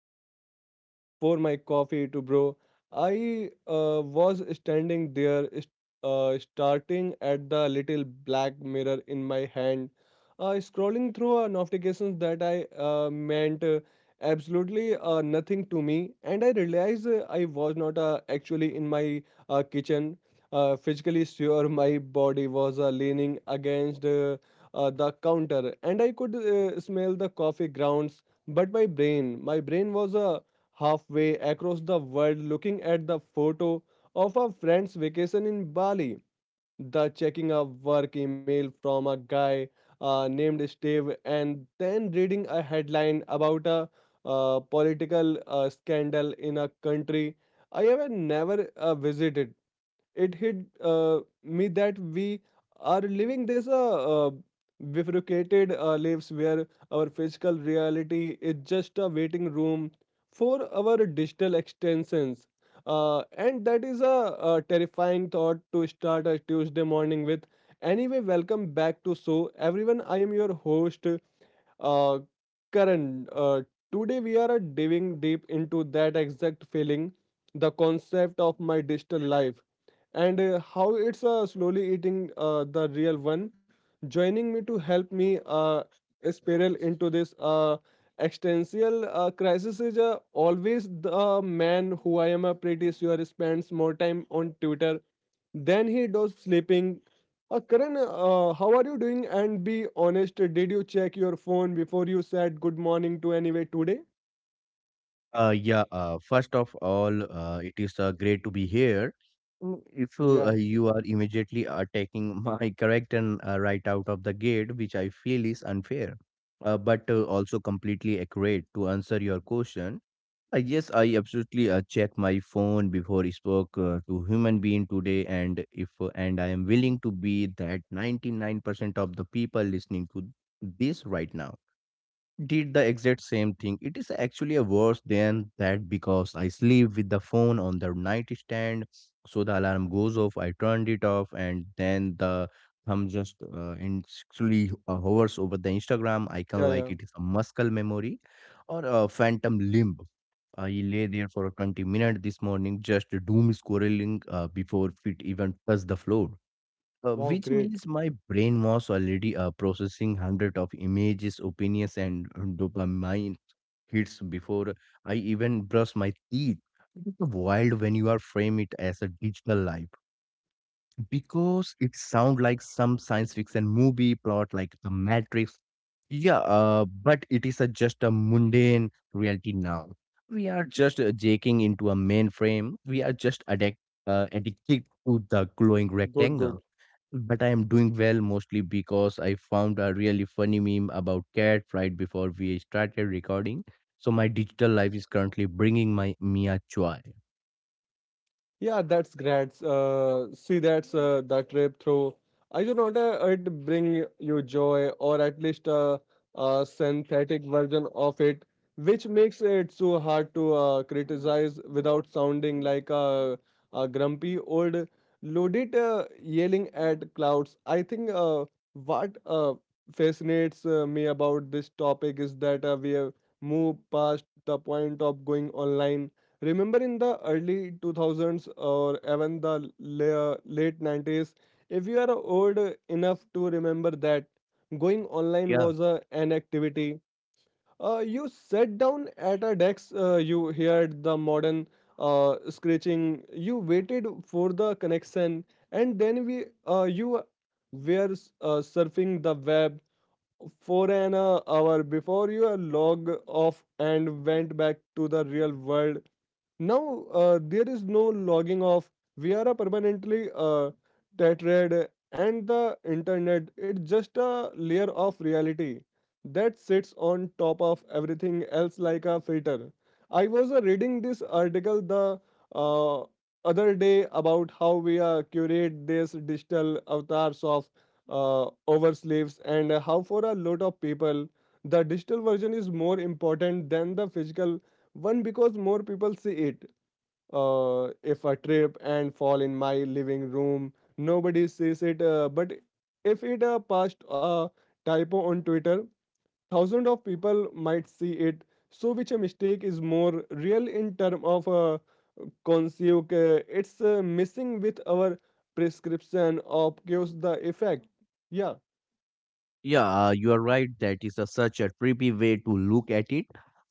was waiting for my coffee to brew. I was standing there, starting at the little black mirror in my hand, scrolling through notifications that I meant absolutely nothing to me, and I realized I was not actually in my kitchen. Physically, sure, my body was leaning against. The counter and I could smell the coffee grounds. But my brain was halfway across the world, looking at the photo of a friend's vacation in Bali, the checking a work email from a guy named Steve, and then reading a headline about a political scandal in a country I have never visited. It hit me that we are living this bifurcated lives where our physical reality is just a waiting room for our digital extensions. And that is a, terrifying thought to start a Tuesday morning with. Anyway, welcome back to So Everyone. I am your host, uh, Karan. Today, we are diving deep into that exact feeling, the concept of my digital life and how it's slowly eating the real one. Joining me to help me spiral into this existential crisis is always the man who I am pretty sure spends more time on Twitter than he does sleeping. Karan, how are you doing? And be honest, did you check your phone before you said good morning to anyway today? Yeah, first of all, it is great to be here. If Yeah, you are immediately attacking my character right out of the gate, which I feel is unfair, but also completely accurate. To answer your question, yes, I absolutely check my phone before I spoke to human being today, and if and I am willing to be that 99% of the people listening to this right now did the exact same thing. It is actually a worse than that because I sleep with the phone on the nightstand, so the alarm goes off. I turned it off, and then the thumb just actually hovers over the Instagram icon yeah, like yeah. it is a muscle memory or a phantom limb. I lay there for 20 minutes this morning, just doom scrolling before feet even touch the floor. Wow, Which great. means my brain was already processing hundred of images, opinions, and dopamine hits before I even brush my teeth. It's wild when you are frame it as a digital life because it sound like some science fiction movie plot, like The Matrix. Yeah, but it is a, just a mundane reality now. We are just jaking into a mainframe. We are just addicted to the glowing Good, good. rectangle. But I am doing well mostly because I found a really funny meme about cat right before we started recording. So my digital life is currently bringing my mia a joy. Yeah, that's great. See, that's the trip through. I do not it bring you joy, or at least a synthetic version of it, which makes it so hard to criticize without sounding like a grumpy old loaded yelling at clouds. I think what fascinates me about this topic is that we have moved past the point of going online. Remember in the early 2000s or even the late 90s, if you are old enough to remember that, going online was a, an activity. You sat down at a desk, you heard the modern screeching, you waited for the connection, and then we you were surfing the web for an hour before you log off and went back to the real world. Now, there is no logging off. We are a permanently tethered, and the internet it's just a layer of reality that sits on top of everything else like a filter. I was reading this article the uh, other day about how we curate these digital avatars of oversleeves and how for a lot of people the digital version is more important than the physical one, because more people see it. If I trip and fall in my living room, nobody sees it. But if it passed a typo on Twitter, thousands of people might see it. So, which a mistake is more real in term of conceived? It's missing with our prescription of gives the effect. Yeah, Yeah, you are right. That is a, such a trippy way to look at it.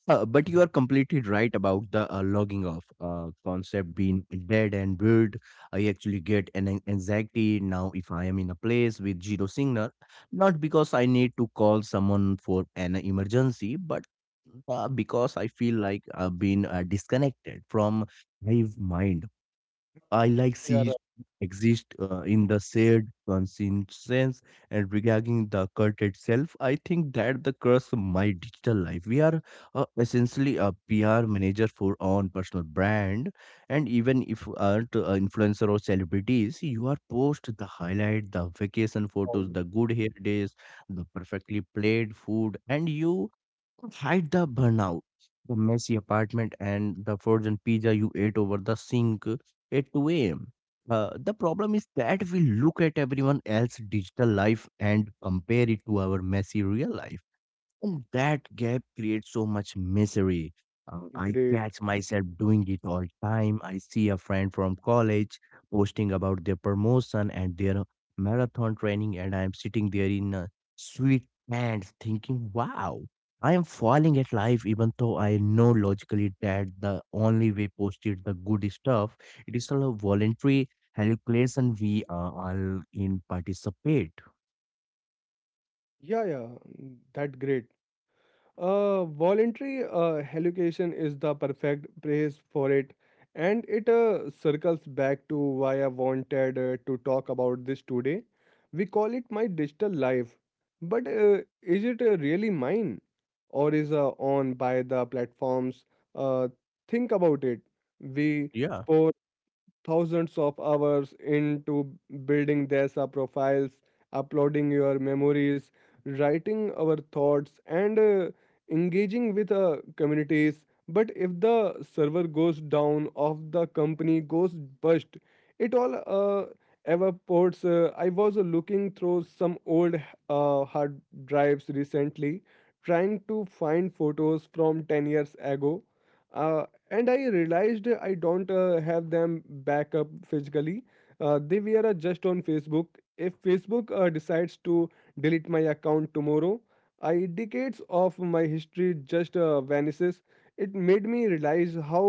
But you are completely right about the logging off concept being dead and weird. I actually get an anxiety now if I am in a place with zero signal, not because I need to call someone for an emergency, but because I feel like I've been disconnected from my mind. I like yeah, see exist in the shared consciousness. And regarding the cult itself, I think that the curse of my digital life. We are essentially a PR manager for own personal brand, and even if you aren't an influencer or celebrities, you are post the highlight, the vacation photos, right. the good hair days, the perfectly played food, and you hide the burnout, the messy apartment, and the frozen pizza you ate over the sink at 2 a.m. The problem is that we look at everyone else's digital life and compare it to our messy real life. And that gap creates so much misery. I Great. catch myself doing it all time. I see a friend from college posting about their promotion and their marathon training, and I am sitting there in a sweat pants thinking, wow, I am falling at life, even though I know logically that the only way posted the good stuff, it is still a voluntary hallucination we are all in participate. Yeah, yeah, that great. Voluntary education is the perfect place for it, and it circles back to why I wanted to talk about this today. We call it my digital life, but is it really mine, or is on by the platforms? Uh, think about it. We Yeah. pour thousands of hours into building their profiles, uploading your memories, writing our thoughts, and engaging with communities. But if the server goes down, of the company goes bust, it all evaporates. I was looking through some old hard drives recently, trying to find photos from 10 years ago. Uh, and I realized I don't have them back up physically. They were just on Facebook. If Facebook decides to delete my account tomorrow, I decades of my history just vanishes. It made me realize how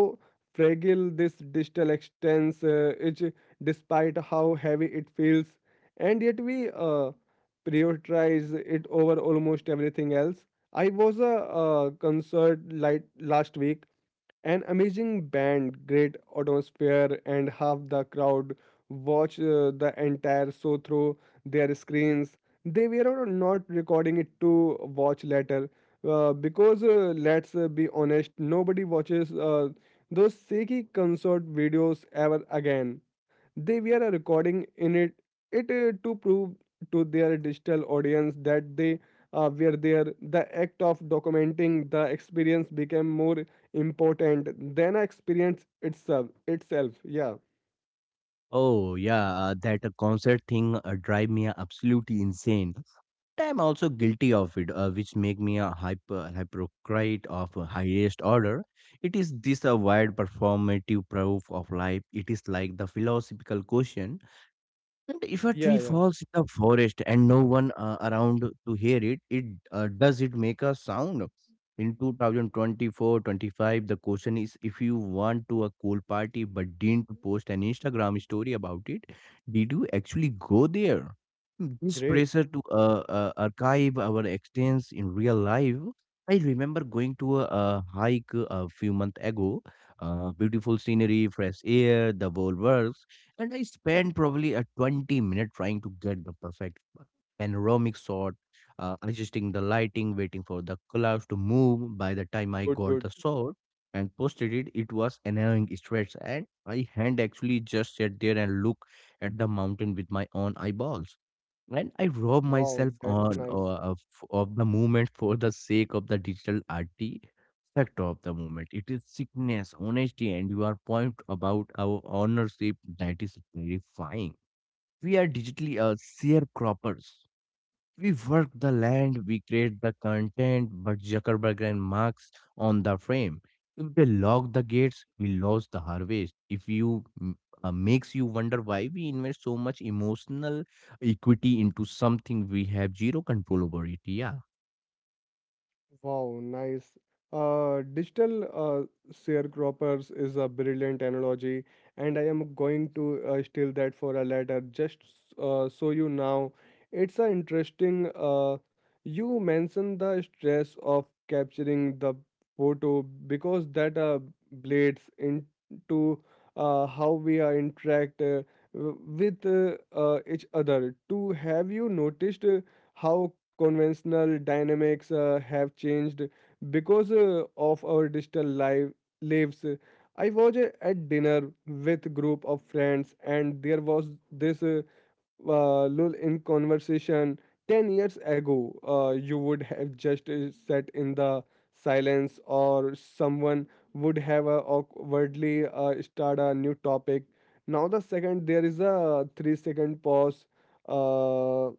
fragile this digital extents is, despite how heavy it feels, and yet we prioritize it over almost everything else. I was a, concert light last week. An amazing band, great atmosphere, and half the crowd watch the entire show through their screens. They were not recording it to watch later because let's be honest, nobody watches those shaky concert videos ever again. They were a recording in it, it to prove to their digital audience that they were there. The act of documenting the experience became more important than experience itself. Itself, yeah. Oh yeah, that concert thing drive me absolutely insane. But I'm also guilty of it, which make me a hyper hypocrite of a highest order. It is this a wide performative proof of life. It is like the philosophical question, and if a Yeah, tree yeah. falls in the forest and no one around to hear it, does it make a sound? In 2024-25, the question is if you want to a cool party but didn't post an Instagram story about it, did you actually go there? This Great. pressure to archive our experience in real life. I remember going to a hike a few months ago. Beautiful scenery, fresh air, the whole works, and I spent probably a 20-minute trying to get the perfect panoramic shot, adjusting the lighting, waiting for the clouds to move. By the time I Good, got good. the shot and posted it, it was annoying stretch, and I had actually just sat there and look at the mountain with my own eyeballs. And I rob Wow, myself that's on nice. Of the moment for the sake of the digital art fact of the moment. It is sickness, honesty, and you are point about our ownership that is terrifying. We are digitally a sharecroppers. We work the land, we create the content, but Zuckerberg and Marx on the frame. If they lock the gates, we lose the harvest. If you mm, makes you wonder why we invest so much emotional equity into something we have zero control over it. Yeah. Wow, nice. Digital sharecroppers is a brilliant analogy, and I am going to steal that for a later. Just so you now, it's a interesting. You mentioned the stress of capturing the photo because that blades into how we interact w- with each other. To have you noticed? How conventional dynamics have changed because of our digital lives. I was at dinner with group of friends, and there was this lull in conversation. 10 years ago, you would have just sat in the silence, or someone would have awkwardly start a new topic. Now, the second there is a 3 second pause. Uh,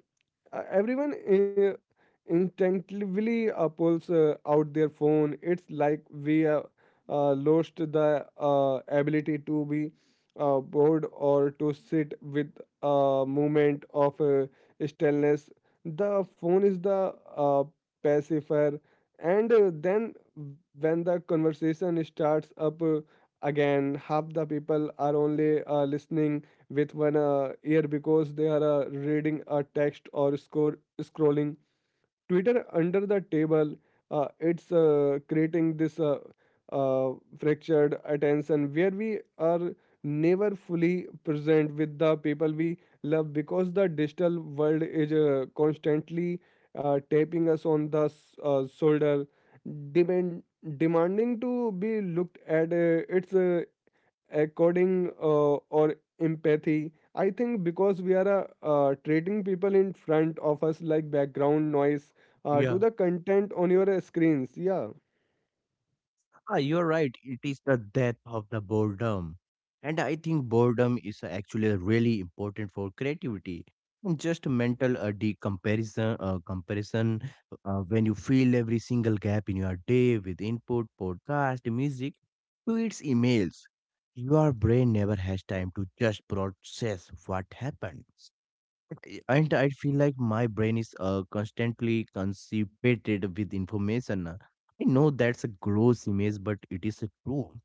everyone instinctively pulls out their phone. It's like we lost the ability to be bored or to sit with a moment of stillness. The phone is the pacifier, and then when the conversation starts up again, half the people are only listening with one ear because they are reading a text or score scrolling Twitter under the table. It's creating this uh, fractured attention where we are never fully present with the people we love because the digital world is constantly tapping us on the shoulder, demand demanding to be looked at. Its according or empathy, I think, because we are treating people in front of us like background noise to Yeah. the content on your screens. Yeah, Ah, you're right. It is the death of the boredom. And I think boredom is actually really important for creativity. And just mental comparison when you fill every single gap in your day with input, podcast, music, tweets, emails. Your brain never has time to just process what happened, and I feel like my brain is constantly constipated with information. I know that's a gross image, but it is true.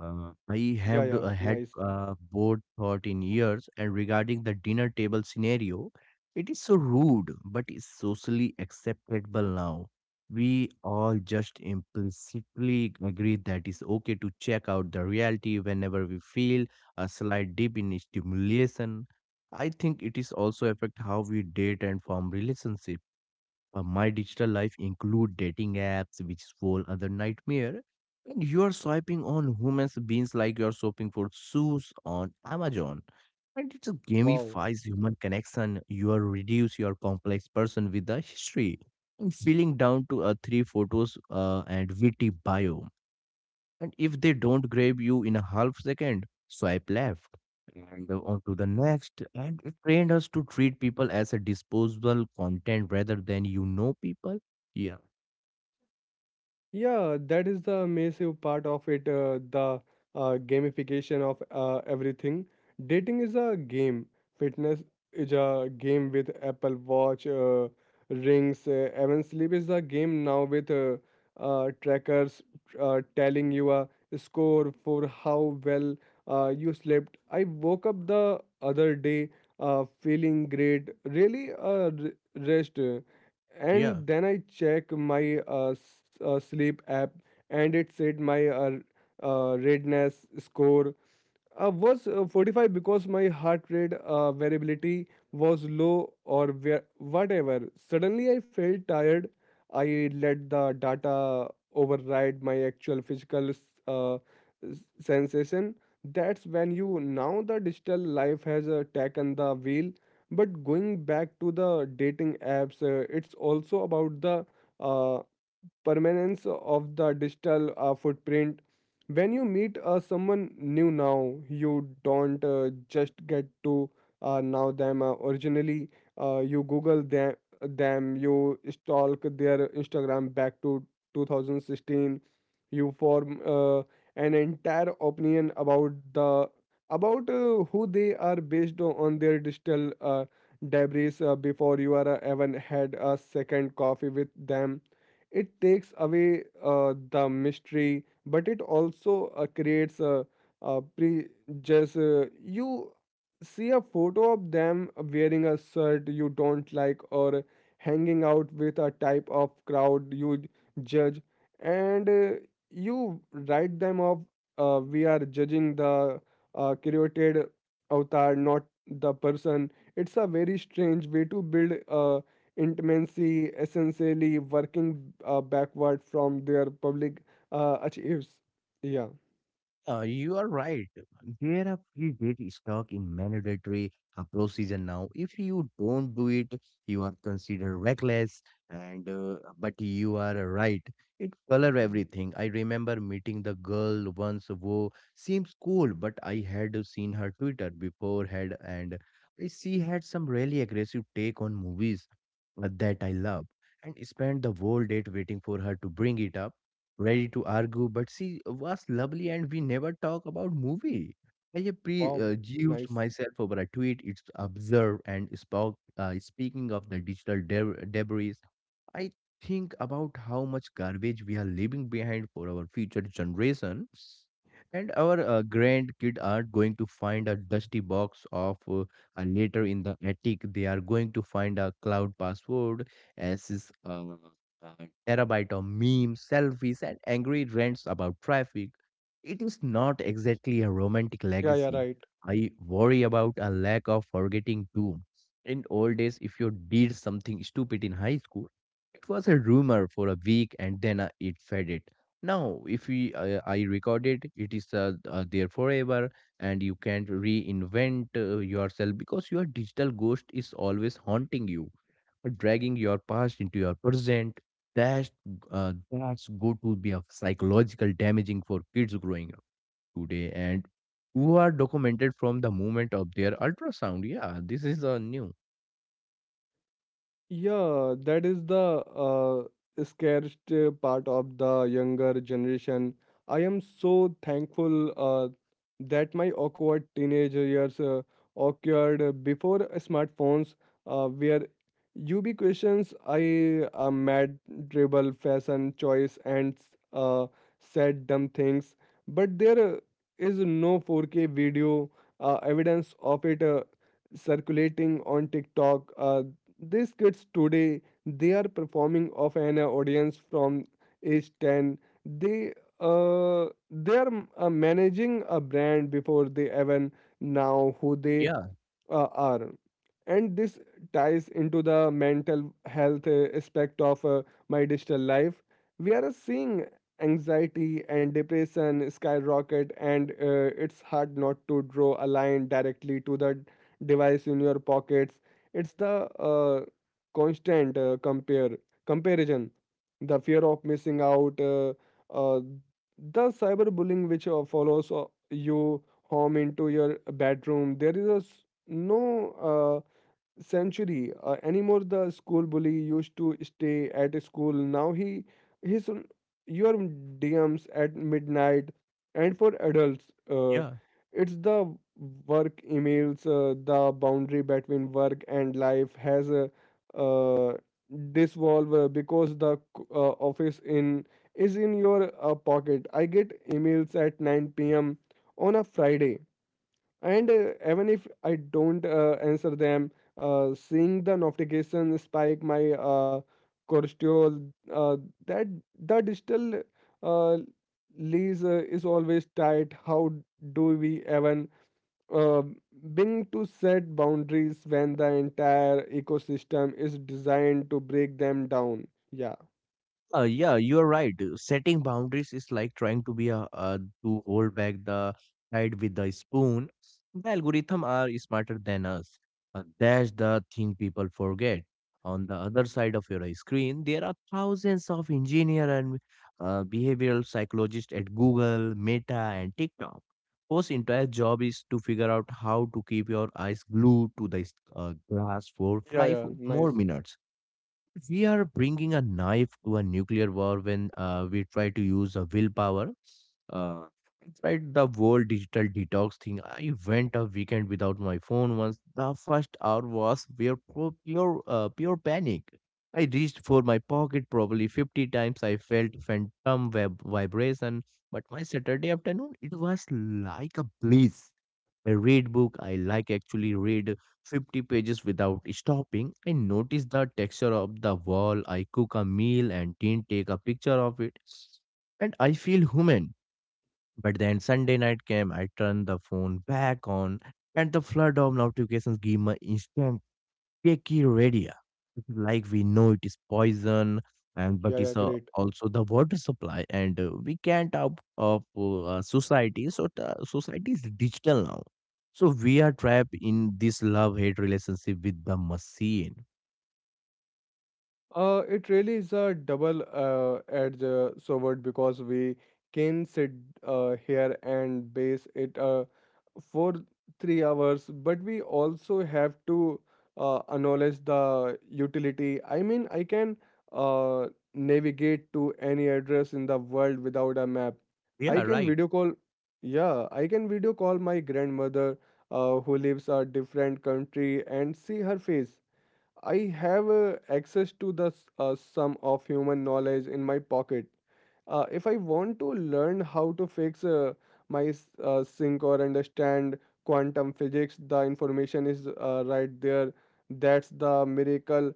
I yeah, have d- yeah, had nice. Bored thought in years, and regarding the dinner table scenario, it is so rude but is socially acceptable now. We all just implicitly agree that it's okay to check out the reality whenever we feel a slight dip in stimulation. I think it is also affect how we date and form relationships. My digital life include dating apps, which is whole other nightmare. And you are swiping on human beings like you are shopping for shoes on Amazon. And it Wow. gamifies human connection. You are reduce your complex person with the history. And feeling down to a three photos and witty bio. And if they don't grab you in a half second, swipe left and on to the next. And it trained us to treat people as a disposable content rather than people. Yeah. Yeah, that is the massive part of it, the gamification of everything. Dating is a game, fitness is a game with Apple Watch, rings, even sleep is a game now with trackers telling you a score for how well you slept. I woke up the other day feeling great, really rest, Yeah. and then I check my sleep app and it said my readiness score was 45 because my heart rate variability was low or where, whatever. Suddenly I felt tired. I let the data override my actual physical uh, sensation. That's when you now the digital life has taken the wheel. But going back to the dating apps, it's also about the uh, permanence of the digital footprint. When you meet someone new now, you don't just get to know them originally. You Google them, you stalk their Instagram back to 2016. You form an entire opinion about who they are based on their digital debris before you are even had a second coffee with them. It takes away the mystery, but it also creates a prejudice. You see a photo of them wearing a shirt you don't like or hanging out with a type of crowd you judge, and you write them off. We are judging the created avatar, not the person. It's a very strange way to build. Intimacy, essentially working backward from their public achieves. Yeah. You are right. There are free get stuck in mandatory procedure now. If you don't do it, you are considered reckless. And but you are right. It color everything. I remember meeting the girl once who seems cool, but I had seen her Twitter beforehand, and she had some really aggressive take on movies that I love, and spent the whole date waiting for her to bring it up ready to argue, but she was lovely and we never talk about movie. I have Wow, prejudged nice. myself over a tweet. It's observed and spoke. Speaking of the digital debris, I think about how much garbage we are leaving behind for our future generations. And our grandkid aren't going to find a dusty box of a letter in the attic. They are going to find a cloud password as is terabyte of memes, selfies, and angry rants about traffic. It is not exactly a romantic Yeah, yeah, legacy. right. I worry about a lack of forgetting too. In old days, if you did something stupid in high school, it was a rumor for a week and then it faded. Now, if we I recorded, it is there forever, and you can't reinvent yourself because your digital ghost is always haunting you, dragging your past into your present. That's that's going to be a psychological damaging for kids growing up today and who are documented from the moment of their ultrasound. Yeah, this is new. Yeah, that is the uh, scariest part of the younger generation. I am so thankful that my awkward teenage years occurred before smartphones, where you be questions I mad dribble fashion choice and uh, said dumb things, but there is no 4K video evidence of it circulating on TikTok. These kids today, they are performing of an audience from age 10. They they are managing a brand before they even now who they Yeah, are. And this ties into the mental health aspect of my digital life. We are seeing anxiety and depression skyrocket, and it's hard not to draw a line directly to the device in your pockets. It's the constant compare comparison, the fear of missing out, uh, the cyberbullying which follows you home into your bedroom. There is a no century anymore. The school bully used to stay at school. Now he his your DMs at midnight, and for adults, uh, yeah. it's the work emails. The boundary between work and life has uh, dissolved because the office in is in your pocket. I get emails at 9 p.m. on a Friday and even if I don't answer them, seeing the notification spike my cortisol, uh, that the digital uh, lease is always tight. How do we even uh, being to set boundaries when the entire ecosystem is designed to break them down? Yeah, Yeah, you are right. Setting boundaries is like trying to be a to hold back the tide with the spoon. The algorithm are smarter than us. That's the thing people forget. On the other side of your screen, there are thousands of engineer and behavioral psychologists at Google, Meta, and TikTok. Whose entire job is to figure out how to keep your eyes glued to the glass for yeah, five yeah. more Nice. minutes. We are bringing a knife to a nuclear war when we try to use a willpower. Uh, I tried the whole digital detox thing. I went a weekend without my phone once. The first hour was pure panic. I reached for my pocket probably 50 times. I felt phantom web vibration, but my Saturday afternoon, it was like a bliss. I read book. I like actually read 50 pages without stopping. I notice the texture of the wall. I cook a meal and didn't take a picture of it. And I feel human. But then Sunday night came, I turned the phone back on, and the flood of notifications gave me instant cakey radio. It's like we know it is poison, and but Yeah, yeah, it's great. also the water supply, and we can't out of society. So the society is digital now. So we are trapped in this love-hate relationship with the machine. It really is a double edged sword because we can sit here and base it for 3 hours, but we also have to acknowledge the utility. I mean, I can uh, navigate to any address in the world without a map. Yeah, I can right. video call, yeah, I can video call my grandmother who lives a different country and see her face. I have access to the sum of human knowledge in my pocket. If I want to learn how to fix my sink or understand quantum physics, the information is right there. That's the miracle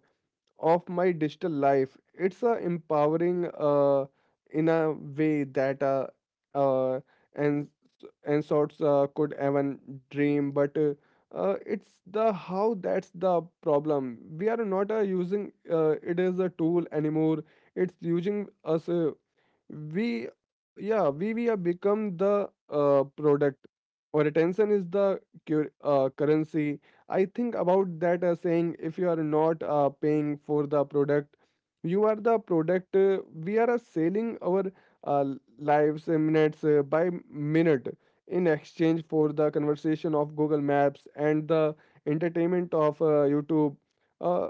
of my digital life. It's a empowering in a way that uh, and and sorts could even dream, but it's the how that's the problem. We are not using it as a tool anymore. It's using us we yeah we have become the product, or attention is the currency. I think about that as saying, if you are not paying for the product, you are the product. We are selling our uh, lives, minutes by minute in exchange for the conversation of Google Maps and the entertainment of YouTube. Uh,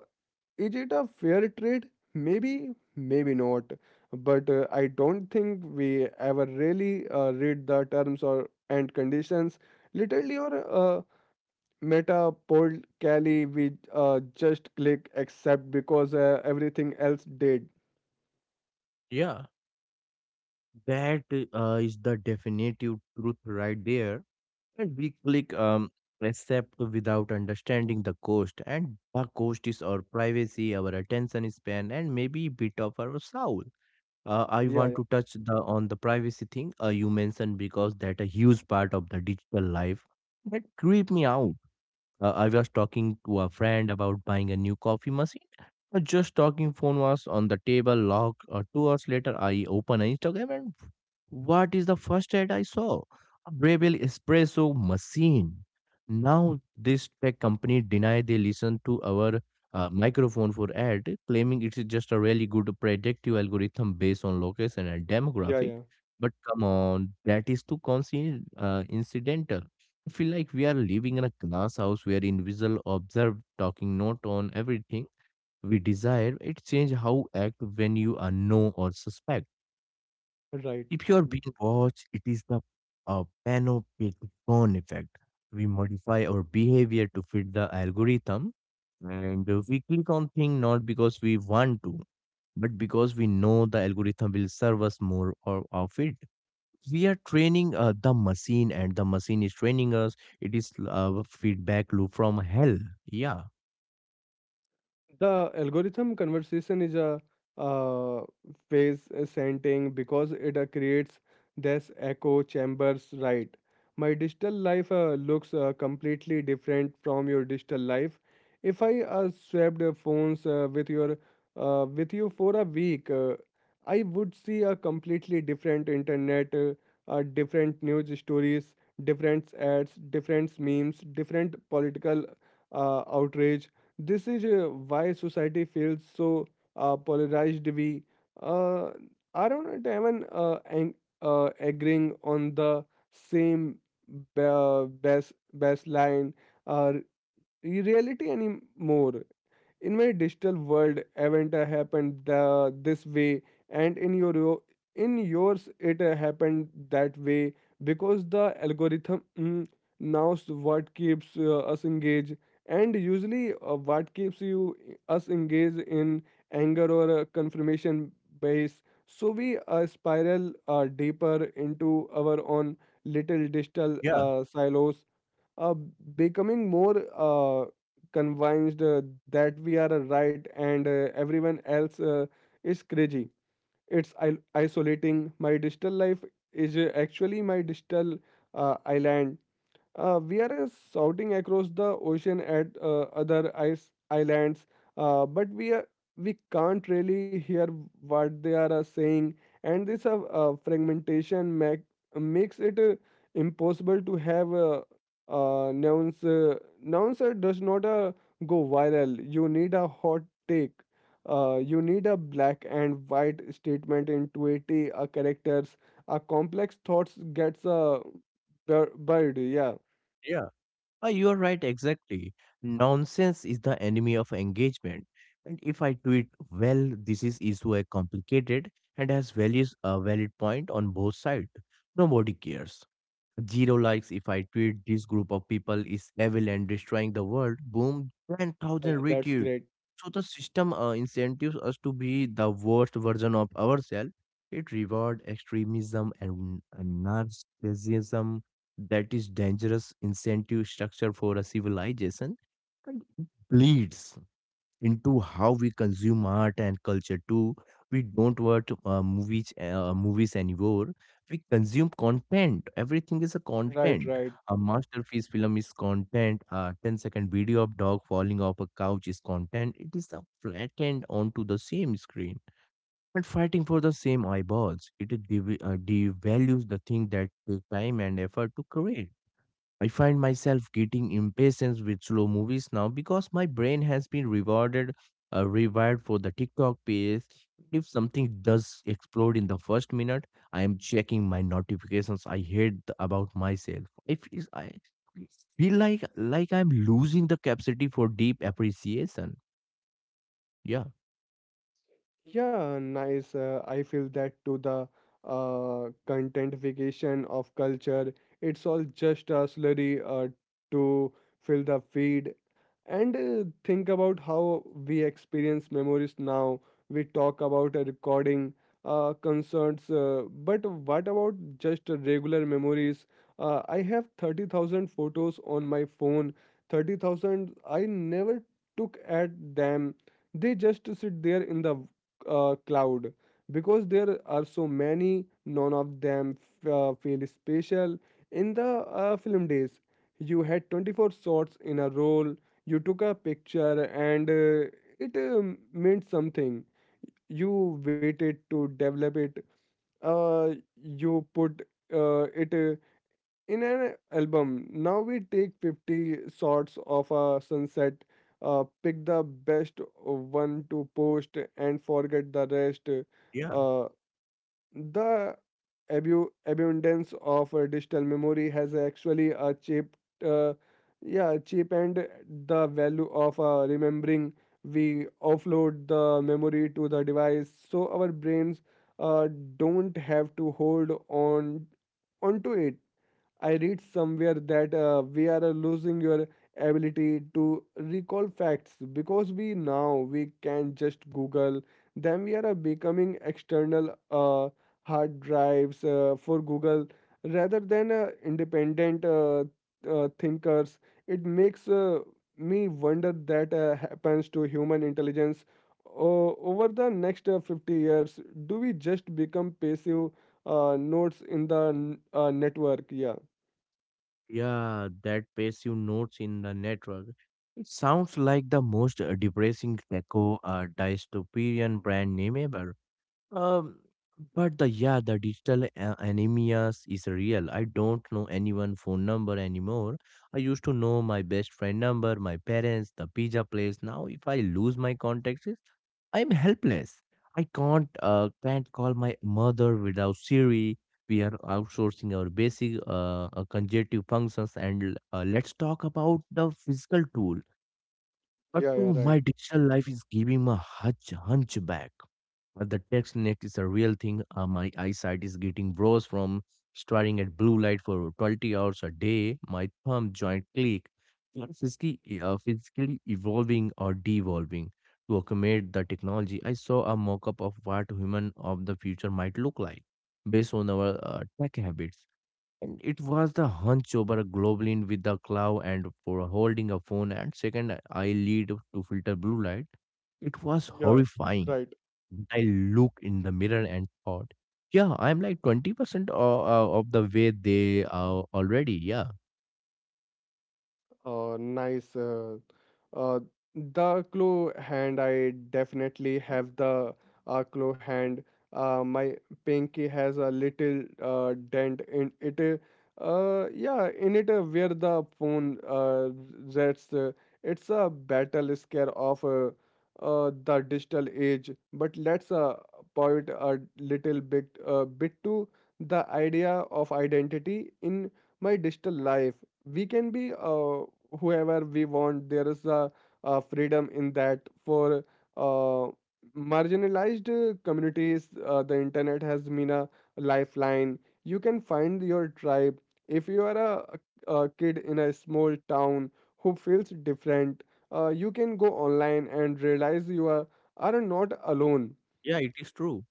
is it a fair trade? Maybe, maybe not. But I don't think we ever really read the terms or and conditions. Literally or meta poll Cali, we just click accept because everything else did. Yeah. That is the definitive truth right there. And we click accept without understanding the cost, and the cost is our privacy, our attention span, and maybe bit of our soul. I Yeah, want yeah, to touch the on the privacy thing you mentioned because that a huge part of the digital life that creep me out. I was talking to a friend about buying a new coffee machine. Just talking phone was on the table locked. 2 hours later, I open Instagram and what is the first ad I saw? A Breville espresso machine. Now this tech company deny they listen to our microphone for ad, claiming it is just a really good predictive algorithm based on location and yeah, demographic. yeah. But come on, that is too incidental. I feel like we are living in a glass house where individual observe talking not on everything we desire. It change how act when you are know or suspect. Right. If you are being watched, it is the panopticon effect. We modify our behavior to fit the algorithm, and we click on thing not because we want to, but because we know the algorithm will serve us more or of it. We are training the machine and the machine is training us. It is feedback loop from hell. Yeah, The algorithm conversation is a uh, phase scenting because it creates this echo chambers, right? My digital life looks completely different from your digital life. If I swapped phones with you for a week, I would see a completely different internet, different news stories, different ads, different memes, different political outrage. This is why society feels so polarized. We uh, are not even agreeing on the same baseline uh, reality anymore. In my digital world, event happened this way, and in in yours it happened that way, because the algorithm, knows what keeps us engaged, and usually what keeps you us engaged in anger or confirmation base, so we spiral deeper into our own little digital yeah, silos, uh, becoming more convinced that we are right and everyone else is crazy. It's isolating. My digital life is actually my digital island. We are shouting across the ocean at other ice islands, but we can't really hear what they are saying, and this makes it impossible to have nouns. Nouns does not go viral. You need a hot take. You need a black and white statement in 280 characters. A complex thoughts gets a buried. Yeah. yeah, you are right exactly. Nonsense is the enemy of engagement, and if I do it well this is issue a complicated and has values a valid point on both sides, nobody cares. Zero likes if I tweet this group of people is evil and destroying the world. Boom, 10,000 Yeah, that's retweet. great. So the system incentives us to be the worst version of ourselves. It rewards extremism and narcissism. That is dangerous incentive structure for a civilization. And it bleeds into how we consume art and culture too. We don't watch movies movies anymore. We consume content. Everything is a Right, content. right. A masterpiece film is content. A ten-second video of dog falling off a couch is content. It is a flattened onto the same screen and fighting for the same eyeballs. It devalues the thing that took time and effort to create. I find myself getting impatient with slow movies now because my brain has been rewarded, rewired for the TikTok pace. If something does explode in the first minute, I am checking my notifications. I hate about myself. If is I feel like I'm losing the capacity for deep appreciation. Yeah. Yeah, nice. I feel that too. The contentification of culture, it's all just a slurry to fill the feed. And think about how we experience memories now. We talk about a recording, concerts, but what about just regular memories? I have 30,000 photos on my phone, 30,000 I never took at them. They just sit there in the cloud, because there are so many, none of them feel special in the film days. You had 24 shots in a roll. You took a picture, and it meant something. You waited to develop it, uh, you put it in an album. Now we take 50 shots of a sunset, pick the best one to post, and forget the rest. Yeah. Uh, the abu- abundance of digital memory has actually a cheap uh, yeah cheapened the value of remembering. We offload the memory to the device, so our brains uh, don't have to hold on onto it. I read somewhere that we are losing your ability to recall facts, because we now we can just Google them. We are becoming external hard drives for Google rather than independent thinkers. It makes me wonder that happens to human intelligence over the next 50 years. Do we just become passive nodes in the network? Yeah. Yeah, that passive notes in the network. It sounds like the most depressing echo dystopian brand name ever. Um, but the yeah, the digital anemia is real. I don't know anyone phone number anymore. I used to know my best friend number, my parents, the pizza place. Now, if I lose my contacts, I'm helpless. I can't call my mother without Siri. We are outsourcing our basic conjunctive functions, and let's talk about the physical tool. But Yeah, yeah, to right. my digital life is giving me a hunchback. The text neck is a real thing. My eyesight is getting worse from staring at blue light for 20 hours a day. My thumb joint click. I'm physically evolving or devolving to accommodate the technology. I saw a mock-up of what human of the future might look like based on our tech habits. And it was the hunch over a globulin with the claw and for holding a phone and second eye lead to filter blue light. It was Yeah, horrifying. right. I looked in the mirror and thought, yeah, I'm like 20% of the way they are already. Yeah. Nice. Uh, the claw hand, I definitely have the claw hand. My pinky has a little dent in it. Yeah, in it where the phone rests. It's a battle scare of the digital age. But let's point a little bit to the idea of identity. In my digital life, we can be whoever we want. There is a freedom in that for uh, marginalized communities. The internet has been a lifeline. You can find your tribe. If you are a kid in a small town who feels different, you can go online and realize you are not alone. Yeah, it is true.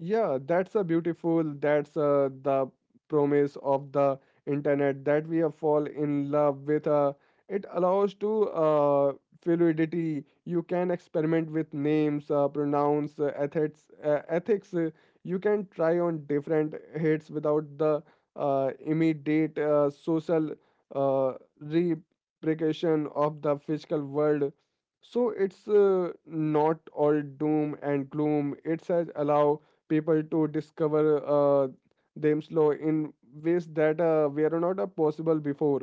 Yeah, that's a beautiful. That's the promise of the internet that we fall in love with. It allows to fluidity. You can experiment with names, pronounce, ethics. You can try on different hits without the immediate social uh, repercussion of the physical world. So it's not all doom and gloom. It says allow people to discover uh, themselves in ways that were not possible before.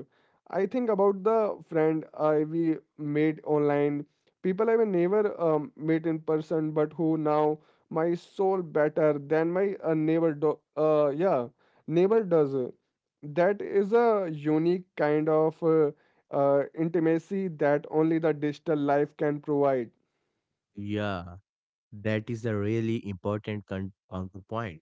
I think about the friend I we made online, people I never met in person, but who now my soul better than my neighbor does. That is a unique kind of intimacy that only the digital life can provide. Yeah. That is a really important counterpoint.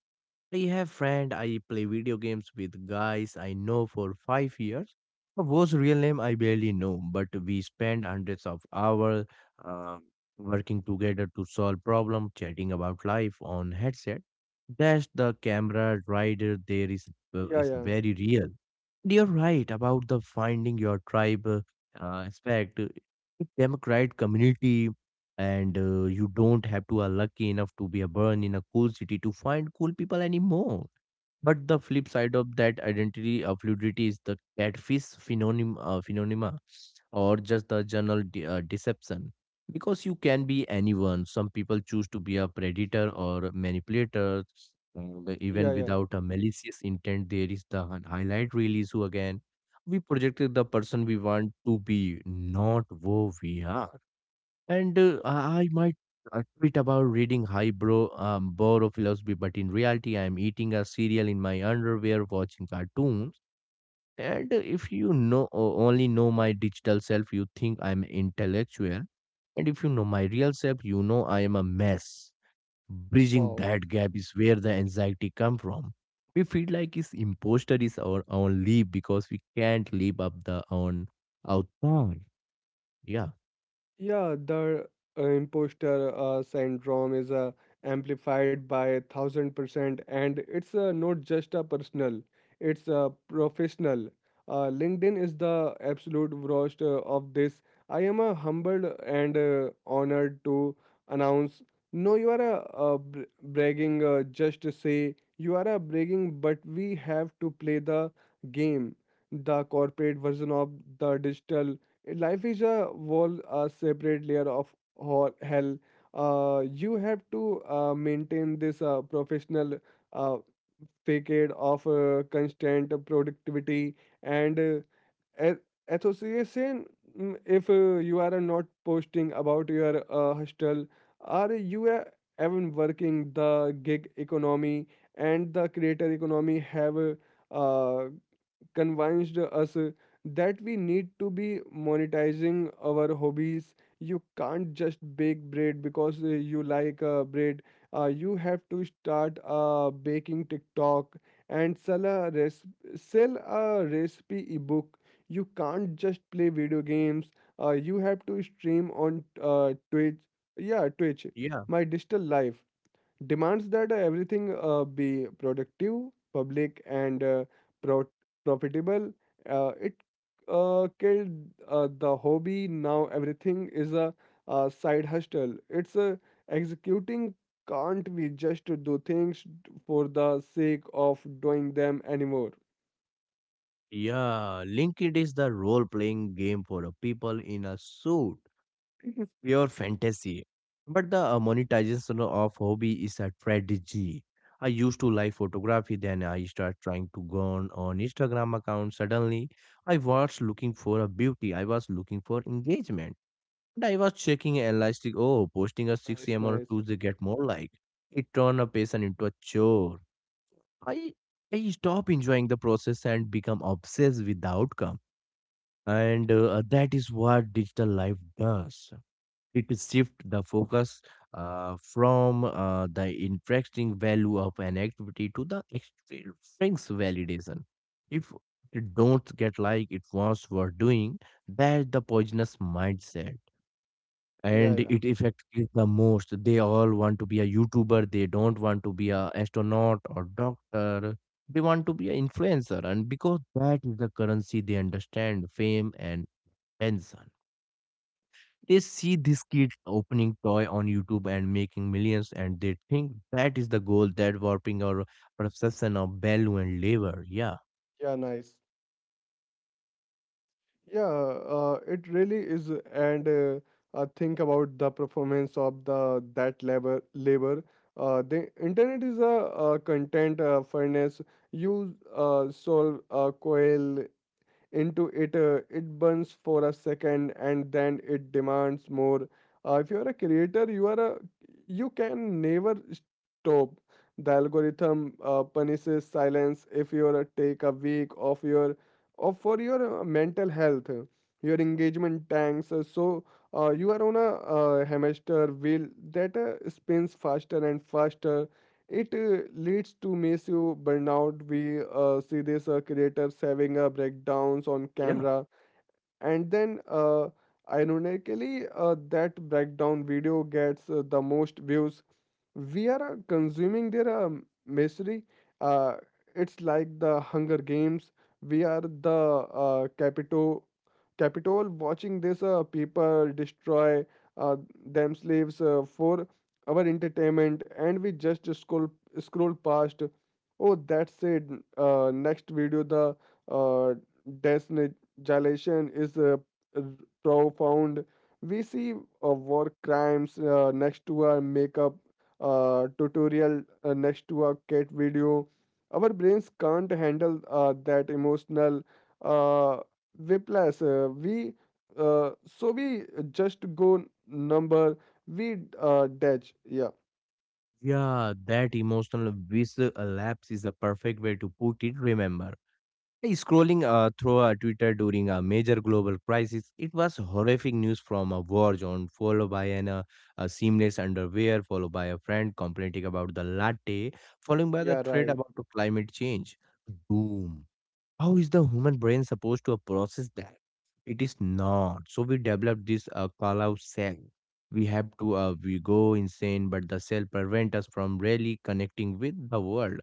I have friend I play video games with guys I know for 5 years, whose real name I barely know, but we spend hundreds of hours uh, working together to solve problem, chatting about life on headset. That's the camera rider there Yeah, is yeah, very real. You're right about the finding your tribe aspect. It democrat community, and you don't have to are lucky enough to be a born in a cool city to find cool people anymore. But the flip side of that identity of fluidity is the catfish phenomena, or just the general deception. Because you can be anyone. Some people choose to be a predator or manipulator, yeah, even yeah. without a malicious intent. There is the highlight release who again we projected the person we want to be, not who we are. And I might tweet about reading highbrow borrow philosophy, but in reality, I'm eating a cereal in my underwear, watching cartoons. And if you know only know my digital self, you think I'm intellectual. And if you know my real self, you know I am a mess. Bridging Wow. that gap is where the anxiety come from. We feel like this imposter is our own leap because we can't live up the own outcome. Yeah. Yeah, the imposter syndrome is amplified by 1,000%, and it's not just a personal; it's a professional. LinkedIn is the absolute worst of this. I am humbled and honored to announce. No, you are bragging. Just to say you are a bragging, but we have to play the game. The corporate version of the digital life is a whole separate layer of hell. You have to maintain this professional uh, facade of constant productivity and a- association. If you are not posting about your hostel, are you even working? The gig economy and the creator economy have uh, convinced us that we need to be monetizing our hobbies. You can't just bake bread because you like bread. You have to start a baking TikTok and sell a recipe ebook. You can't just play video games. You have to stream on Twitch. Yeah, Twitch. My digital life demands that everything be productive, public, and pro- profitable. It killed the hobby. Now everything is a side hustle. It's executing. Can't we just do things for the sake of doing them anymore? Yeah, LinkedIn is the role-playing game for the people in a suit, pure fantasy. But the monetization of hobby is a strategy. I used to like photography, then I start trying to go on Instagram account. Suddenly, I was looking for a beauty. I was looking for engagement. And I was checking and like, oh, posting a 6 Nice, a.m. on a nice. Tuesday get more like. It turned a person into a chore. I I stop enjoying the process and become obsessed with the outcome, and that is what digital life does. It shifts the focus from the interesting value of an activity to the extrinsic validation. If it don't get like it was were doing, that's the poisonous mindset, Yeah, and yeah, it affects kids the most. They all want to be a youtuber. They don't want to be a astronaut or doctor. They want to be an influencer, and because that is the currency they understand fame and Benson. They see this kid opening toy on YouTube and making millions, and they think that is the goal that warping our perception of value and labor. Yeah, yeah. Nice. Yeah, it really is, and think about the performance of the that labor. The internet is a, content furnace. You solve a coil into it, it burns for a second and then it demands more. If you are a creator, you are a you can never stop. The algorithm punishes silence. If you are a take a week of your of for your mental health, your engagement tanks, so you are on a hamster wheel that spins faster and faster. It leads to massive burnout. We see this creators having breakdowns on yeah, camera. And then ironically, that breakdown video gets the most views. We are consuming their misery. uh, it's like the Hunger Games. We are the capitol watching this people destroy uh, themselves for our entertainment, and we just scroll past. Oh, that's it. Next video. The uh, Destiny Dilation is uh, profound. We see war crimes next to a makeup tutorial, next to a cat video. Our brains can't handle that emotional uh, whiplash. We so we just go number. We detach. Yeah. yeah. That emotional visual lapse is a perfect way to put it. Remember, hey, scrolling through Twitter during a major global crisis, it was horrific news from a war zone, followed by an a seamless underwear, followed by a friend complaining about the latte, followed by the Yeah, thread right. about the climate change. Boom. How is the human brain supposed to process that? It is not. So we develop this call out cell. We have to We go insane, but the cell prevent us from really connecting with the world.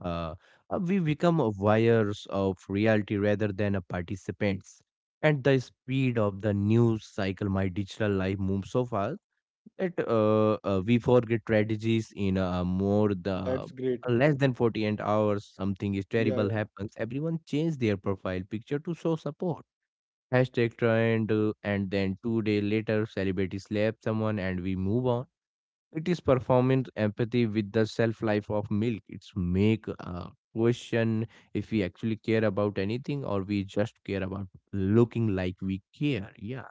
Uh, we become a wires of reality rather than a participants. At the speed of the news cycle, my digital life moves so fast that we forget strategies in more the That's great. less than 48 hours. Something is Yeah, terrible happens, everyone change their profile picture to show support hashtag trend, and then 2 day later celebrity slap someone and we move on. It is performance empathy with the self life of milk. It's make question if we actually care about anything or we just care about looking like we care. Yeah,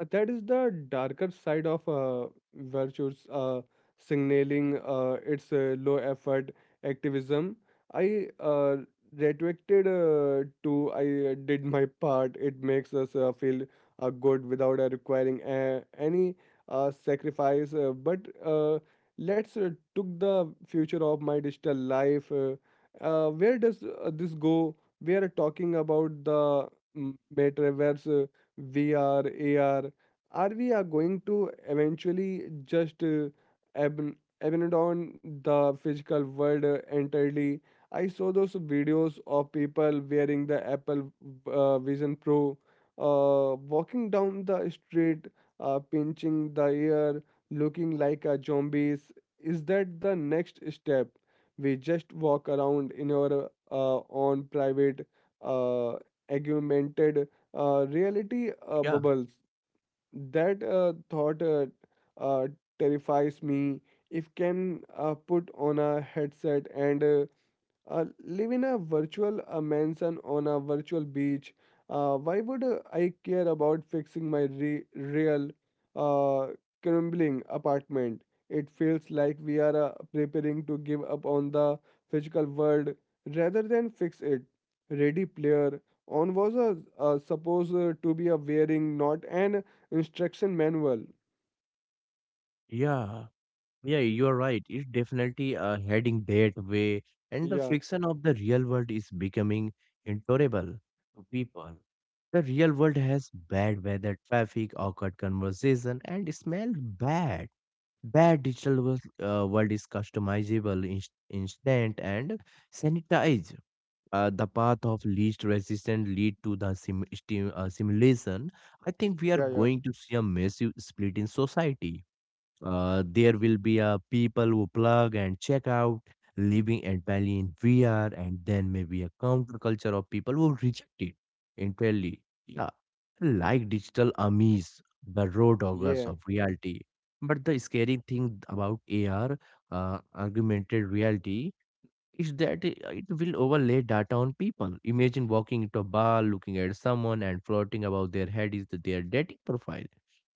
That is the darker side of virtues, signaling. It's low effort activism. I retracted to I did my part. It makes us feel good without requiring any sacrifice. But uh, let's took the future of my digital life. Where does this go? We are talking about the metaverse. VR, AR, are we are going to eventually just ab- abandon the physical world entirely? I saw those videos of people wearing the Apple Vision Pro, walking down the street, pinching the air, looking like a zombies. Is that the next step? We just walk around in our own private uh, augmented reality yeah, bubbles. That thought uh, terrifies me. If can put on a headset and live in a virtual mansion on a virtual beach. Why would I care about fixing my real uh, crumbling apartment? It feels like we are preparing to give up on the physical world rather than fix it. Ready Player On was a, supposed to be a wearing, not an instruction manual. yeah. Yeah, you're right. It's definitely heading that way, and the Yeah, friction of the real world is becoming intolerable to people. The real world has bad weather, traffic, awkward conversation, and smell bad. Bad digital world is customizable, instant, and sanitized. The path of least resistance lead to the simulation. I think we are yeah, yeah, going to see a massive split in society. There will be people who plug and check out, living entirely in VR, and then maybe a counterculture of people who reject it entirely. Yeah, like digital amis, the raw doggers yeah. of reality. But the scary thing about AR, augmented reality, is that it will overlay data on people. Imagine walking into a bar, looking at someone, and floating above their head is their dating profile,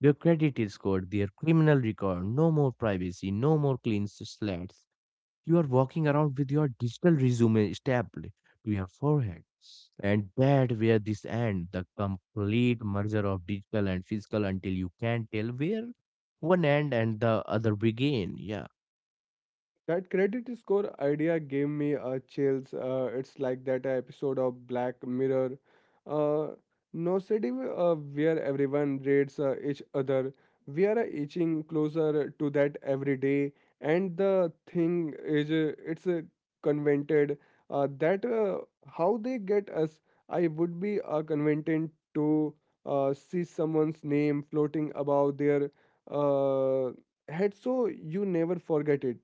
their credit score, their criminal record. No more privacy, no more clean slates. You are walking around with your digital resume stapled to your forehead. And that where this end, the complete merger of digital and physical until you can't tell where one end and the other begin. Yeah. That credit score idea gave me a chills. It's like that episode of Black Mirror. Uh, Nosediv, where everyone rates each other. We are itching closer to that every day. And the thing is, it's convented that how they get us. I would be convented to see someone's name floating above their uh, head so you never forget it.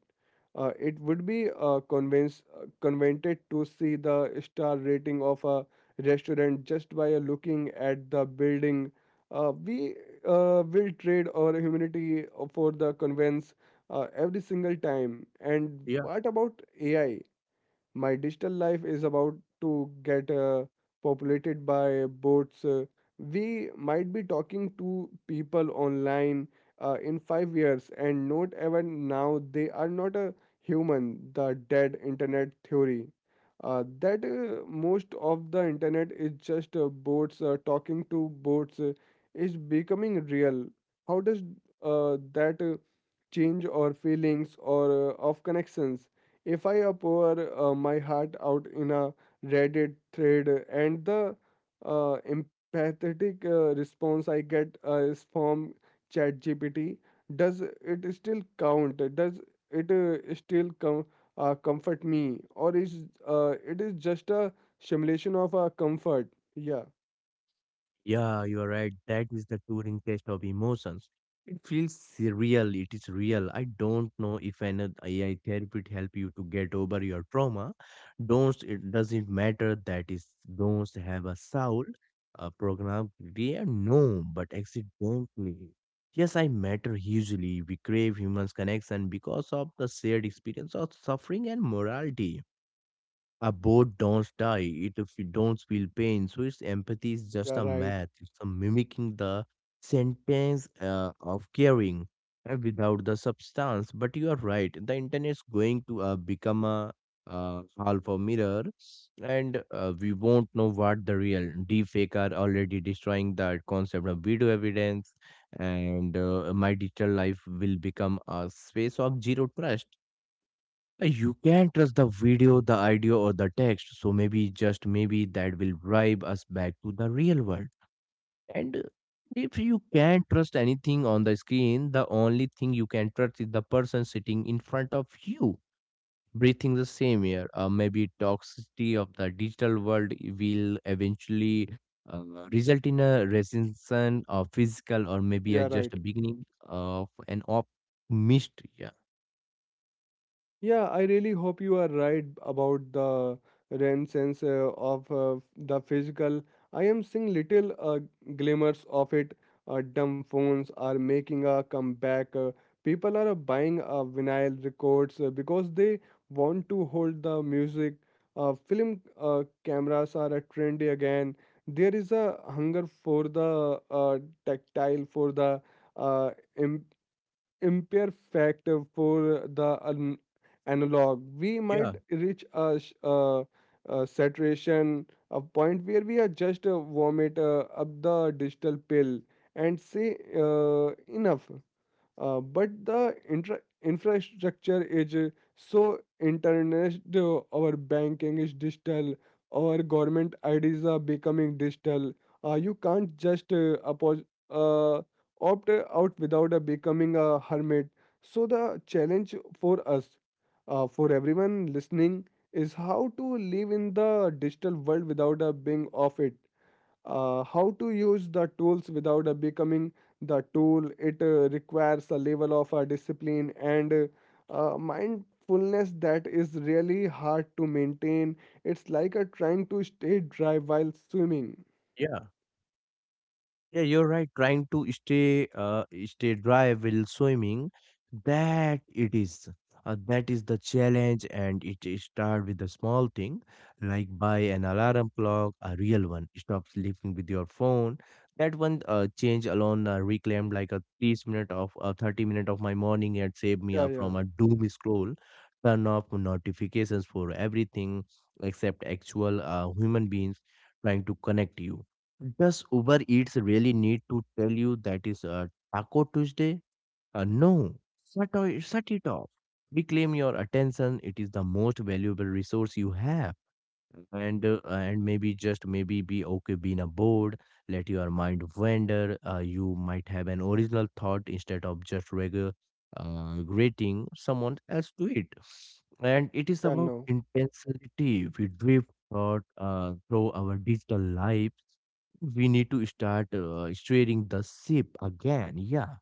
It would be convenient to see the star rating of a restaurant just by looking at the building. We will trade our humanity for the convenience every single time. And what about AI? My digital life is about to get populated by bots. We might be talking to people online in 5 years and not even now they are not a human, the dead internet theory. That most of the internet is just bots talking to bots is becoming real. How does that change or feelings or of connections? If I pour my heart out in a Reddit thread and the empathetic response I get is from ChatGPT, does it still count? Does it still comfort me, or is it is just a simulation of a comfort? Yeah, Yeah, you are right. That is the touring test of emotions. It feels real. It is real. I don't know if an AI therapist help you to get over your trauma. Don't It doesn't matter that is don't have a soul. A program we are no, but accidentally. Yes, I matter hugely. We crave humans connection because of the shared experience of suffering and morality. A boat don't die it if you don't feel pain. So its empathy is just yeah, a right. math. It's a mimicking the sentence of caring without the substance. But you are right. The internet is going to become a alpha mirror, and we won't know what the real deepfake are already destroying the concept of video evidence, and my digital life will become a space of zero trust. You can not trust the video, the audio, or the text, so maybe just maybe that will bribe us back to the real world. And if you can't trust anything on the screen, the only thing you can trust is the person sitting in front of you, breathing the same air. Maybe toxicity of the digital world will eventually uh, result in a recession of physical or maybe a, Yeah, right. just a beginning of an optimist. Yeah, Yeah, I really hope you are right about the renaissance of the physical. I am seeing little glimmers of it. Dumb phones are making a comeback. People are buying vinyl records because they want to hold the music. Film cameras are a trendy again. There is a hunger for the tactile, for the uh, im imperfect, for the analog. We yeah, might reach a, a saturation, a point where we are just vomit up the digital pill and say enough. But the infrastructure is so internet, our banking is digital, our government IDs are becoming digital. You can't just opt out without becoming a hermit. So, the challenge for us, for everyone listening, is how to live in the digital world without being off it. How to use the tools without becoming the tool. It requires a level of discipline and mindfulness that is really hard to maintain. It's like trying to stay dry while swimming. yeah. Yeah, you're right. Trying to stay dry while swimming, that it is. That is the challenge, and it is start with a small thing, like buy an alarm clock, a real one. Stop sleeping with your phone. That one change alone reclaimed like a thirty minute of my morning and saved me Yeah, yeah, from a doom scroll. Turn off notifications for everything except actual human beings trying to connect you. Does Uber Eats really need to tell you that is a Taco Tuesday? No, shut it off. Reclaim your attention. It is the most valuable resource you have, and maybe just maybe be okay being a board. Let your mind wander. You might have an original thought instead of just regular grating someone else to it. And it is yeah, about no. intensity we drift thought through our digital lives. We need to start steering the ship again. Yeah.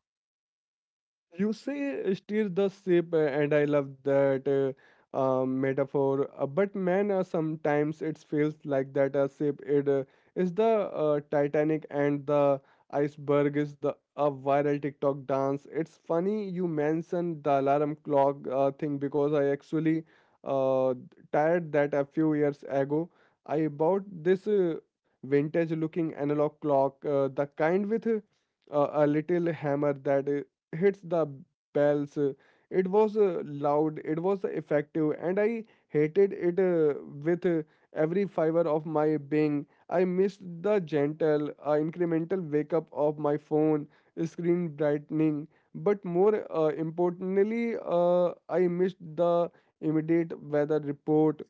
You say steer the ship, and I love that metaphor. But man, sometimes it feels like that a ship it is the Titanic and the iceberg is the a viral TikTok dance. It's funny you mentioned the alarm clock thing because I actually uh, tired that a few years ago. I bought this vintage looking analog clock, the kind with a little hammer that hits the bells. It was loud, it was effective, and I hated it with every fiber of my being. I missed the gentle, incremental wake up of my phone screen brightening, but more importantly, I missed the immediate weather report.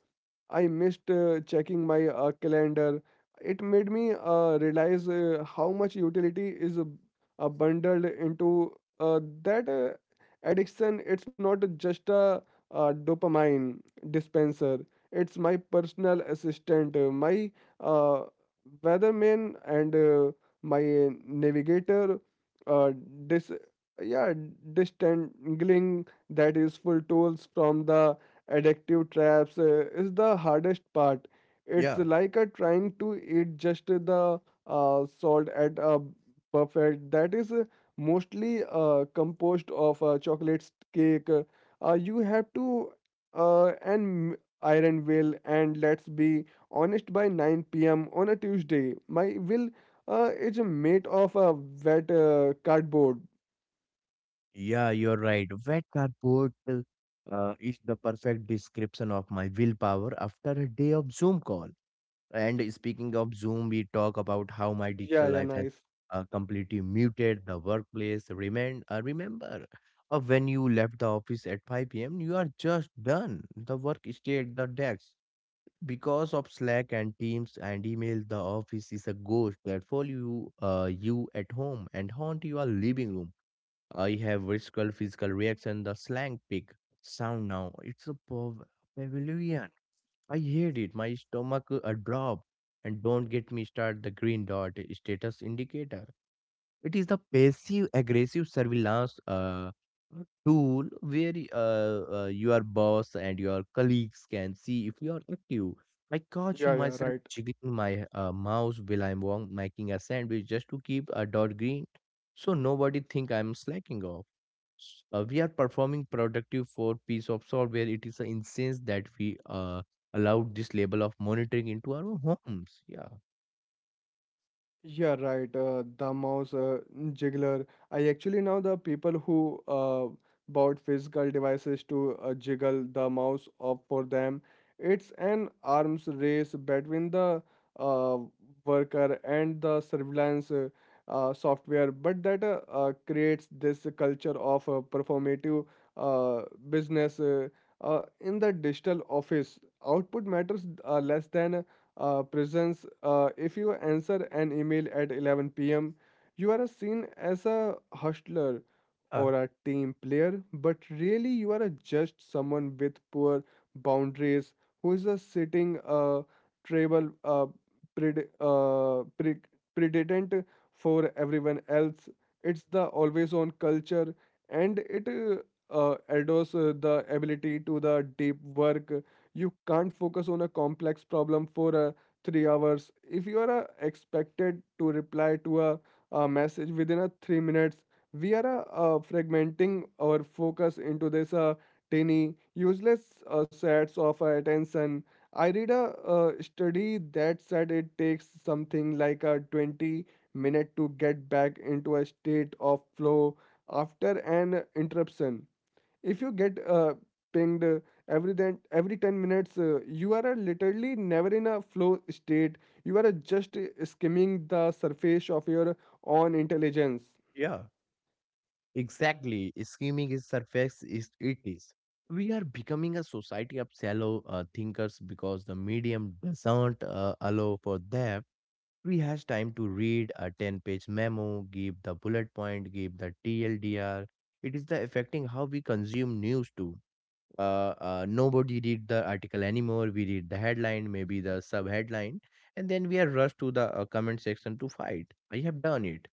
I missed checking my calendar. It made me realize how much utility is bundled into that addiction. It's not just a, dopamine dispenser, it's my personal assistant, my uh, weatherman, and my navigator. Uh, dis- yeah, distangling that useful tools from the addictive traps is the hardest part. It's like trying to eat just the salt at a buffet that is mostly composed of chocolate cake. You have to and iron will, and let's be honest, by 9 p.m. on a Tuesday my will is made of a wet cardboard. Yeah, you're right. Wet cardboard is the perfect description of my willpower after a day of Zoom call. And speaking of Zoom, we talk about how my Yeah, digital yeah, life has nice. Completely muted the workplace. Remember, when you left the office at 5 p.m., you are just done. The work stayed the desk. Because of Slack and Teams and email, the office is a ghost that follow you, you at home and haunt your living room. I have visceral physical reaction, the slang pig sound now. It's a pavilion. I hate it. My stomach a drop. And don't get me start the green dot status indicator. It is the passive aggressive surveillance tool where your boss and your colleagues can see if you are active. I caught you Yeah, yeah, myself right. jiggling my mouse while I'm making a sandwich just to keep a dot green, so nobody think I'm slacking off. We are performing productive for piece of software. It is an instance that we uh, allowed this level of monitoring into our homes. Yeah, Yeah, right. The mouse jiggler. I actually know the people who bought physical devices to jiggle the mouse up for them. It's an arms race between the uh, worker and the surveillance software, but that creates this culture of performative uh, business. In the digital office, output matters less than presence. If you answer an email at 11 p.m., you are seen as a hustler uh, or a team player, but really you are a just someone with poor boundaries who is a sitting tribal pred- uh, pre- predictant for everyone else. It's the always on culture, and it adores the ability to the deep work. You can't focus on a complex problem for 3 hours if you are expected to reply to a message within a 3 minutes. We are fragmenting our focus into this tiny useless sets of attention. I read a study that said it takes something like a 20 minute to get back into a state of flow after an interruption. If you get pinged every 10 minutes, you are literally never in a flow state. You are just skimming the surface of your own intelligence. yeah. Exactly, scheming is surface is it is. We are becoming a society of shallow thinkers because the medium doesn't allow for that. We has time to read a 10-page memo, give the bullet point, give the TLDR. It is the affecting how we consume news too. Nobody read the article anymore. We read the headline, maybe the sub headline, and then we are rushed to the comment section to fight. I have done it.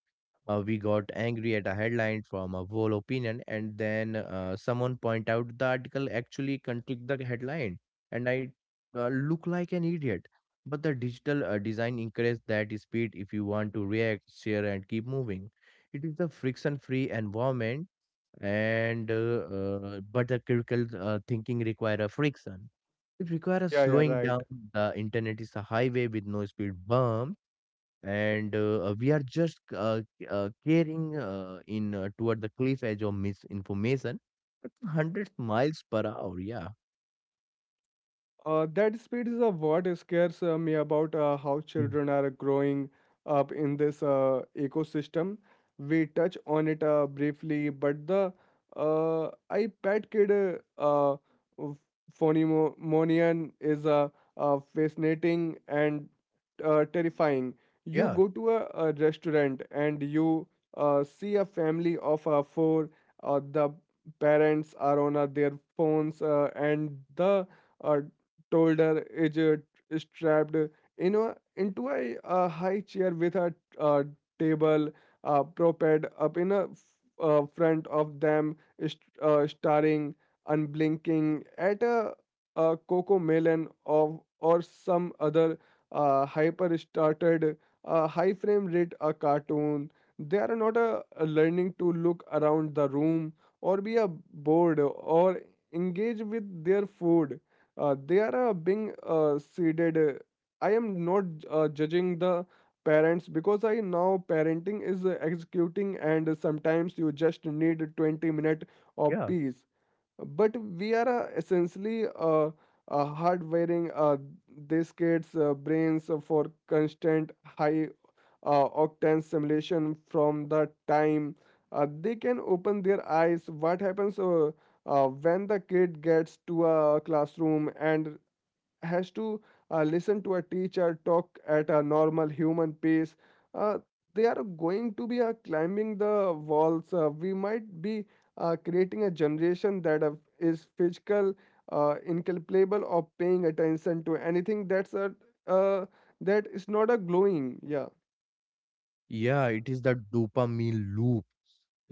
We got angry at a headline from a whole opinion, and then someone point out the article actually contradict the headline, and I look like an idiot. But the digital design encourages that speed if you want to react, share, and keep moving. It is the friction-free environment, and but the critical thinking require a friction. It requires Yeah, yeah, slowing right. down. The internet is a highway with no speed bumps, and we are just carrying in toward the cliff edge of misinformation at 100 miles per hour. Yeah. That speed is a what scares me about how Mm. children are growing up in this ecosystem. We touch on it briefly, but the iPad kid ph- phenomenon is fascinating and terrifying. You Yeah, go to a restaurant and you see a family of four. The parents are on their phones and the uh, Toulder is strapped in a, into a high chair with a, uh table propelled up in a front of them, staring, unblinking at a cocoa melon of or some other hyper started high frame rate a cartoon. They are not learning to look around the room or be a bored or engage with their food. They are being seeded. I am not judging the parents, because I now parenting is executing and sometimes you just need 20 minute of yeah, peace. But we are essentially hardwiring these kids brains for constant high octane simulation from the time they can open their eyes. What happens when the kid gets to a classroom and has to listen to a teacher talk at a normal human pace? uh, they are going to be climbing the walls. We might be creating a generation that is physical, incapable of paying attention to anything that's a, uh, that is not a glowing. Yeah, yeah. It is the dopamine loop.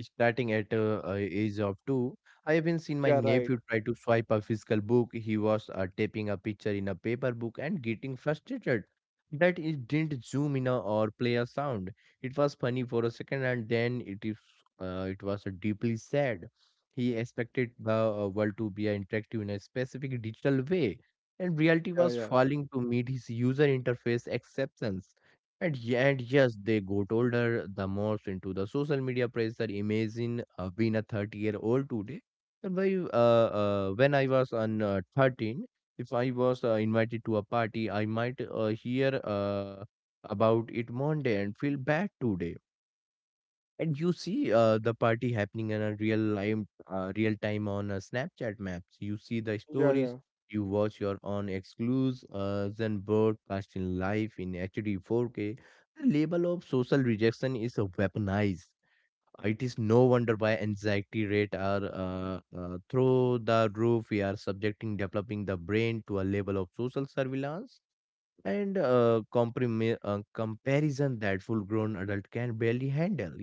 Starting at age of two, I even seen my yeah, right. nephew try to swipe a physical book. He was taping a picture in a paper book and getting frustrated that it didn't zoom in or play a sound. It was funny for a second, and then it was deeply sad. He expected the world to be interactive in a specific digital way, and reality Yeah, was yeah, falling to meet his user interface exceptions. And yes, they got older, the more into the social media pressure. Imagine being a 30-year-old today. And why, when I was on 13, if I was invited to a party, I might hear about it Monday and feel bad today. And you see the party happening in a real time on Snapchat maps. You see the yeah, stories. yeah. You watch your own exclusives and broadcast in live in HD 4K. The label of social rejection is weaponized. It is no wonder why anxiety rate are through the roof. We are subjecting developing the brain to a level of social surveillance and comparison that full grown adult can barely handle.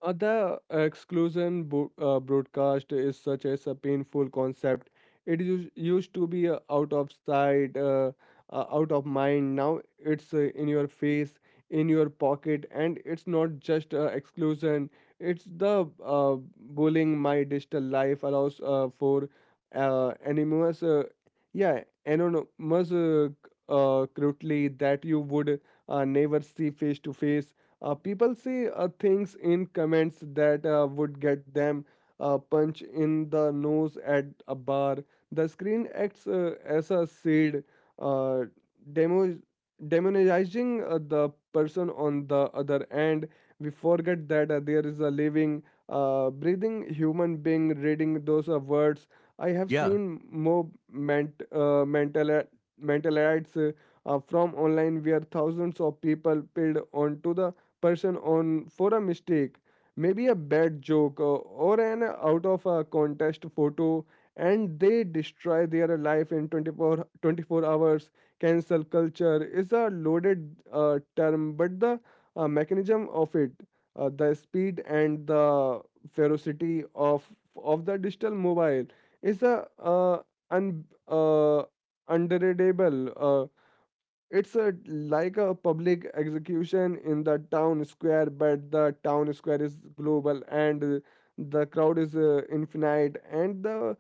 The exclusion broadcast is such as a painful concept. It used to be out of sight, out of mind. Now it's in your face, in your pocket, and it's not just exclusion. It's the bullying. My digital life allows for anonymous, yeah, anonymous crudely that you would never see face to face. People say things in comments that would get them a punch in the nose at a bar. The screen acts as a shield, uh, demo- demonizing the person on the other end. We forget that there is a living, breathing human being reading those words. I have Yeah. seen more mentalites from online where thousands of people piled onto the person on for a mistake, maybe a bad joke or an out of a contest photo, and they destroy their life in 24 hours. Cancel culture is a loaded term, but the mechanism of it, the speed and the ferocity of the digital mobile is a un, uh, underreadable. It's a like a public execution in the town square, but the town square is global and the crowd is infinite. And the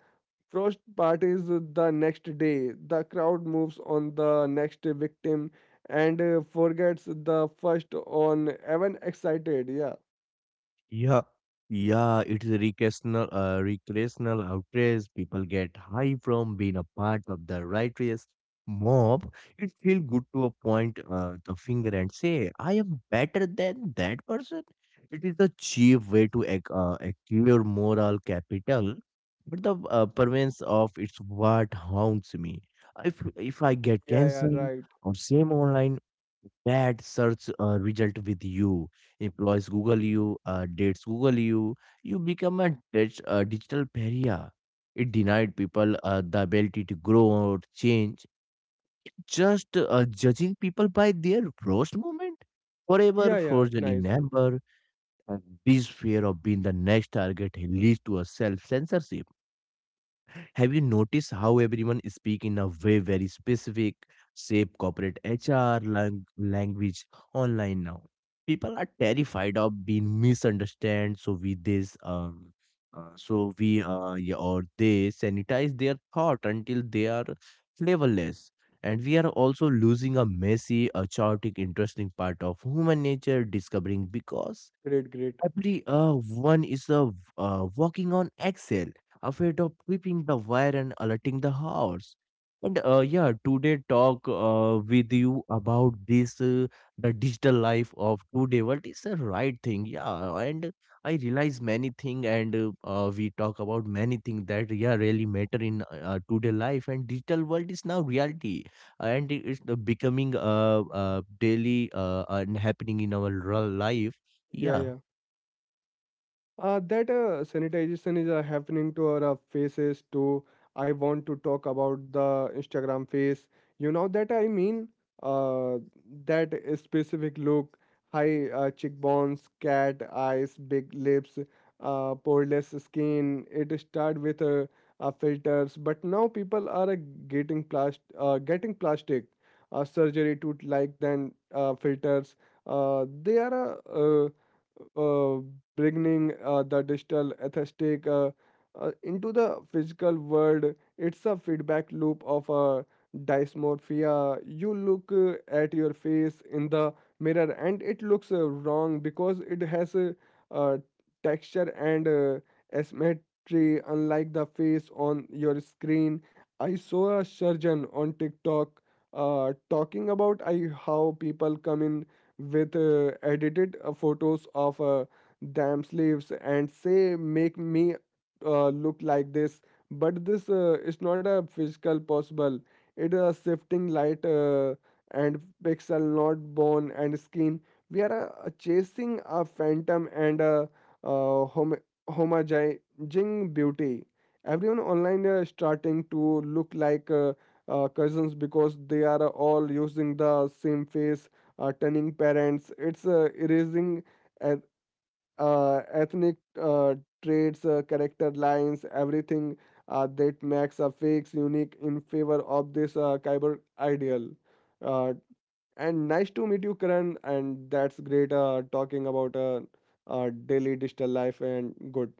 first part is the next day. The crowd moves on the next victim and forgets the first on even excited. Yeah, Yeah, yeah, it's a recreational outrage. People get high from being a part of the righteous mob. It feels good to point the finger and say, "I am better than that person." It is a cheap way to acquire moral capital, but the pervance of it's what haunts me. If I get yeah, yeah, cancelled right. or same online, that search result with you. Employees Google you, dates Google you. You become a digital pariah. It denied people the ability to grow or change, just judging people by their worst moment. Forever Yeah, yeah, frozen in nice. amber, and this fear of being the next target leads to a self censorship. Have you noticed how everyone speak in a way very specific, shape corporate HR language online now? People are terrified of being misunderstood, so we this so we yeah, or they sanitize their thought until they are flavorless. And we are also losing a messy, a chaotic, interesting part of human nature discovering because. Great, great. Every one is a walking on Excel, afraid of tripping the wire and alerting the horse. And yeah, today talk with you about this the digital life of today. What is the right thing? Yeah, and I realize many thing, and we talk about many thing that yeah really matter in today life. And digital world is now reality, and it's becoming daily and happening in our real life. Yeah, Yeah. yeah. That sanitization is happening to our faces too. I want to talk about the Instagram face. You know that I mean, uh, that specific look, high cheekbones, cat eyes, big lips, poreless skin. It started with filters, but now people are getting plastic surgery to like then filters. They are uh, bringing the digital aesthetic into the physical world. It's a feedback loop of dysmorphia. You look at your face in the mirror and it looks wrong because it has a, uh, texture and asymmetry, unlike the face on your screen. I saw a surgeon on TikTok talking about I, how people come in with edited photos of damn slaves and say make me look like this, but this is not a physical possible. It is a shifting light and pixel, not bone and skin. We are chasing a phantom and a uh, hom- homogenizing beauty. Everyone online is starting to look like cousins because they are all using the same face turning parents. It's erasing eth- ethnic traits, character lines, everything that makes a fake unique in favor of this cyber ideal. Uh, and nice to meet you, Karan. And that's great talking about daily digital life and good.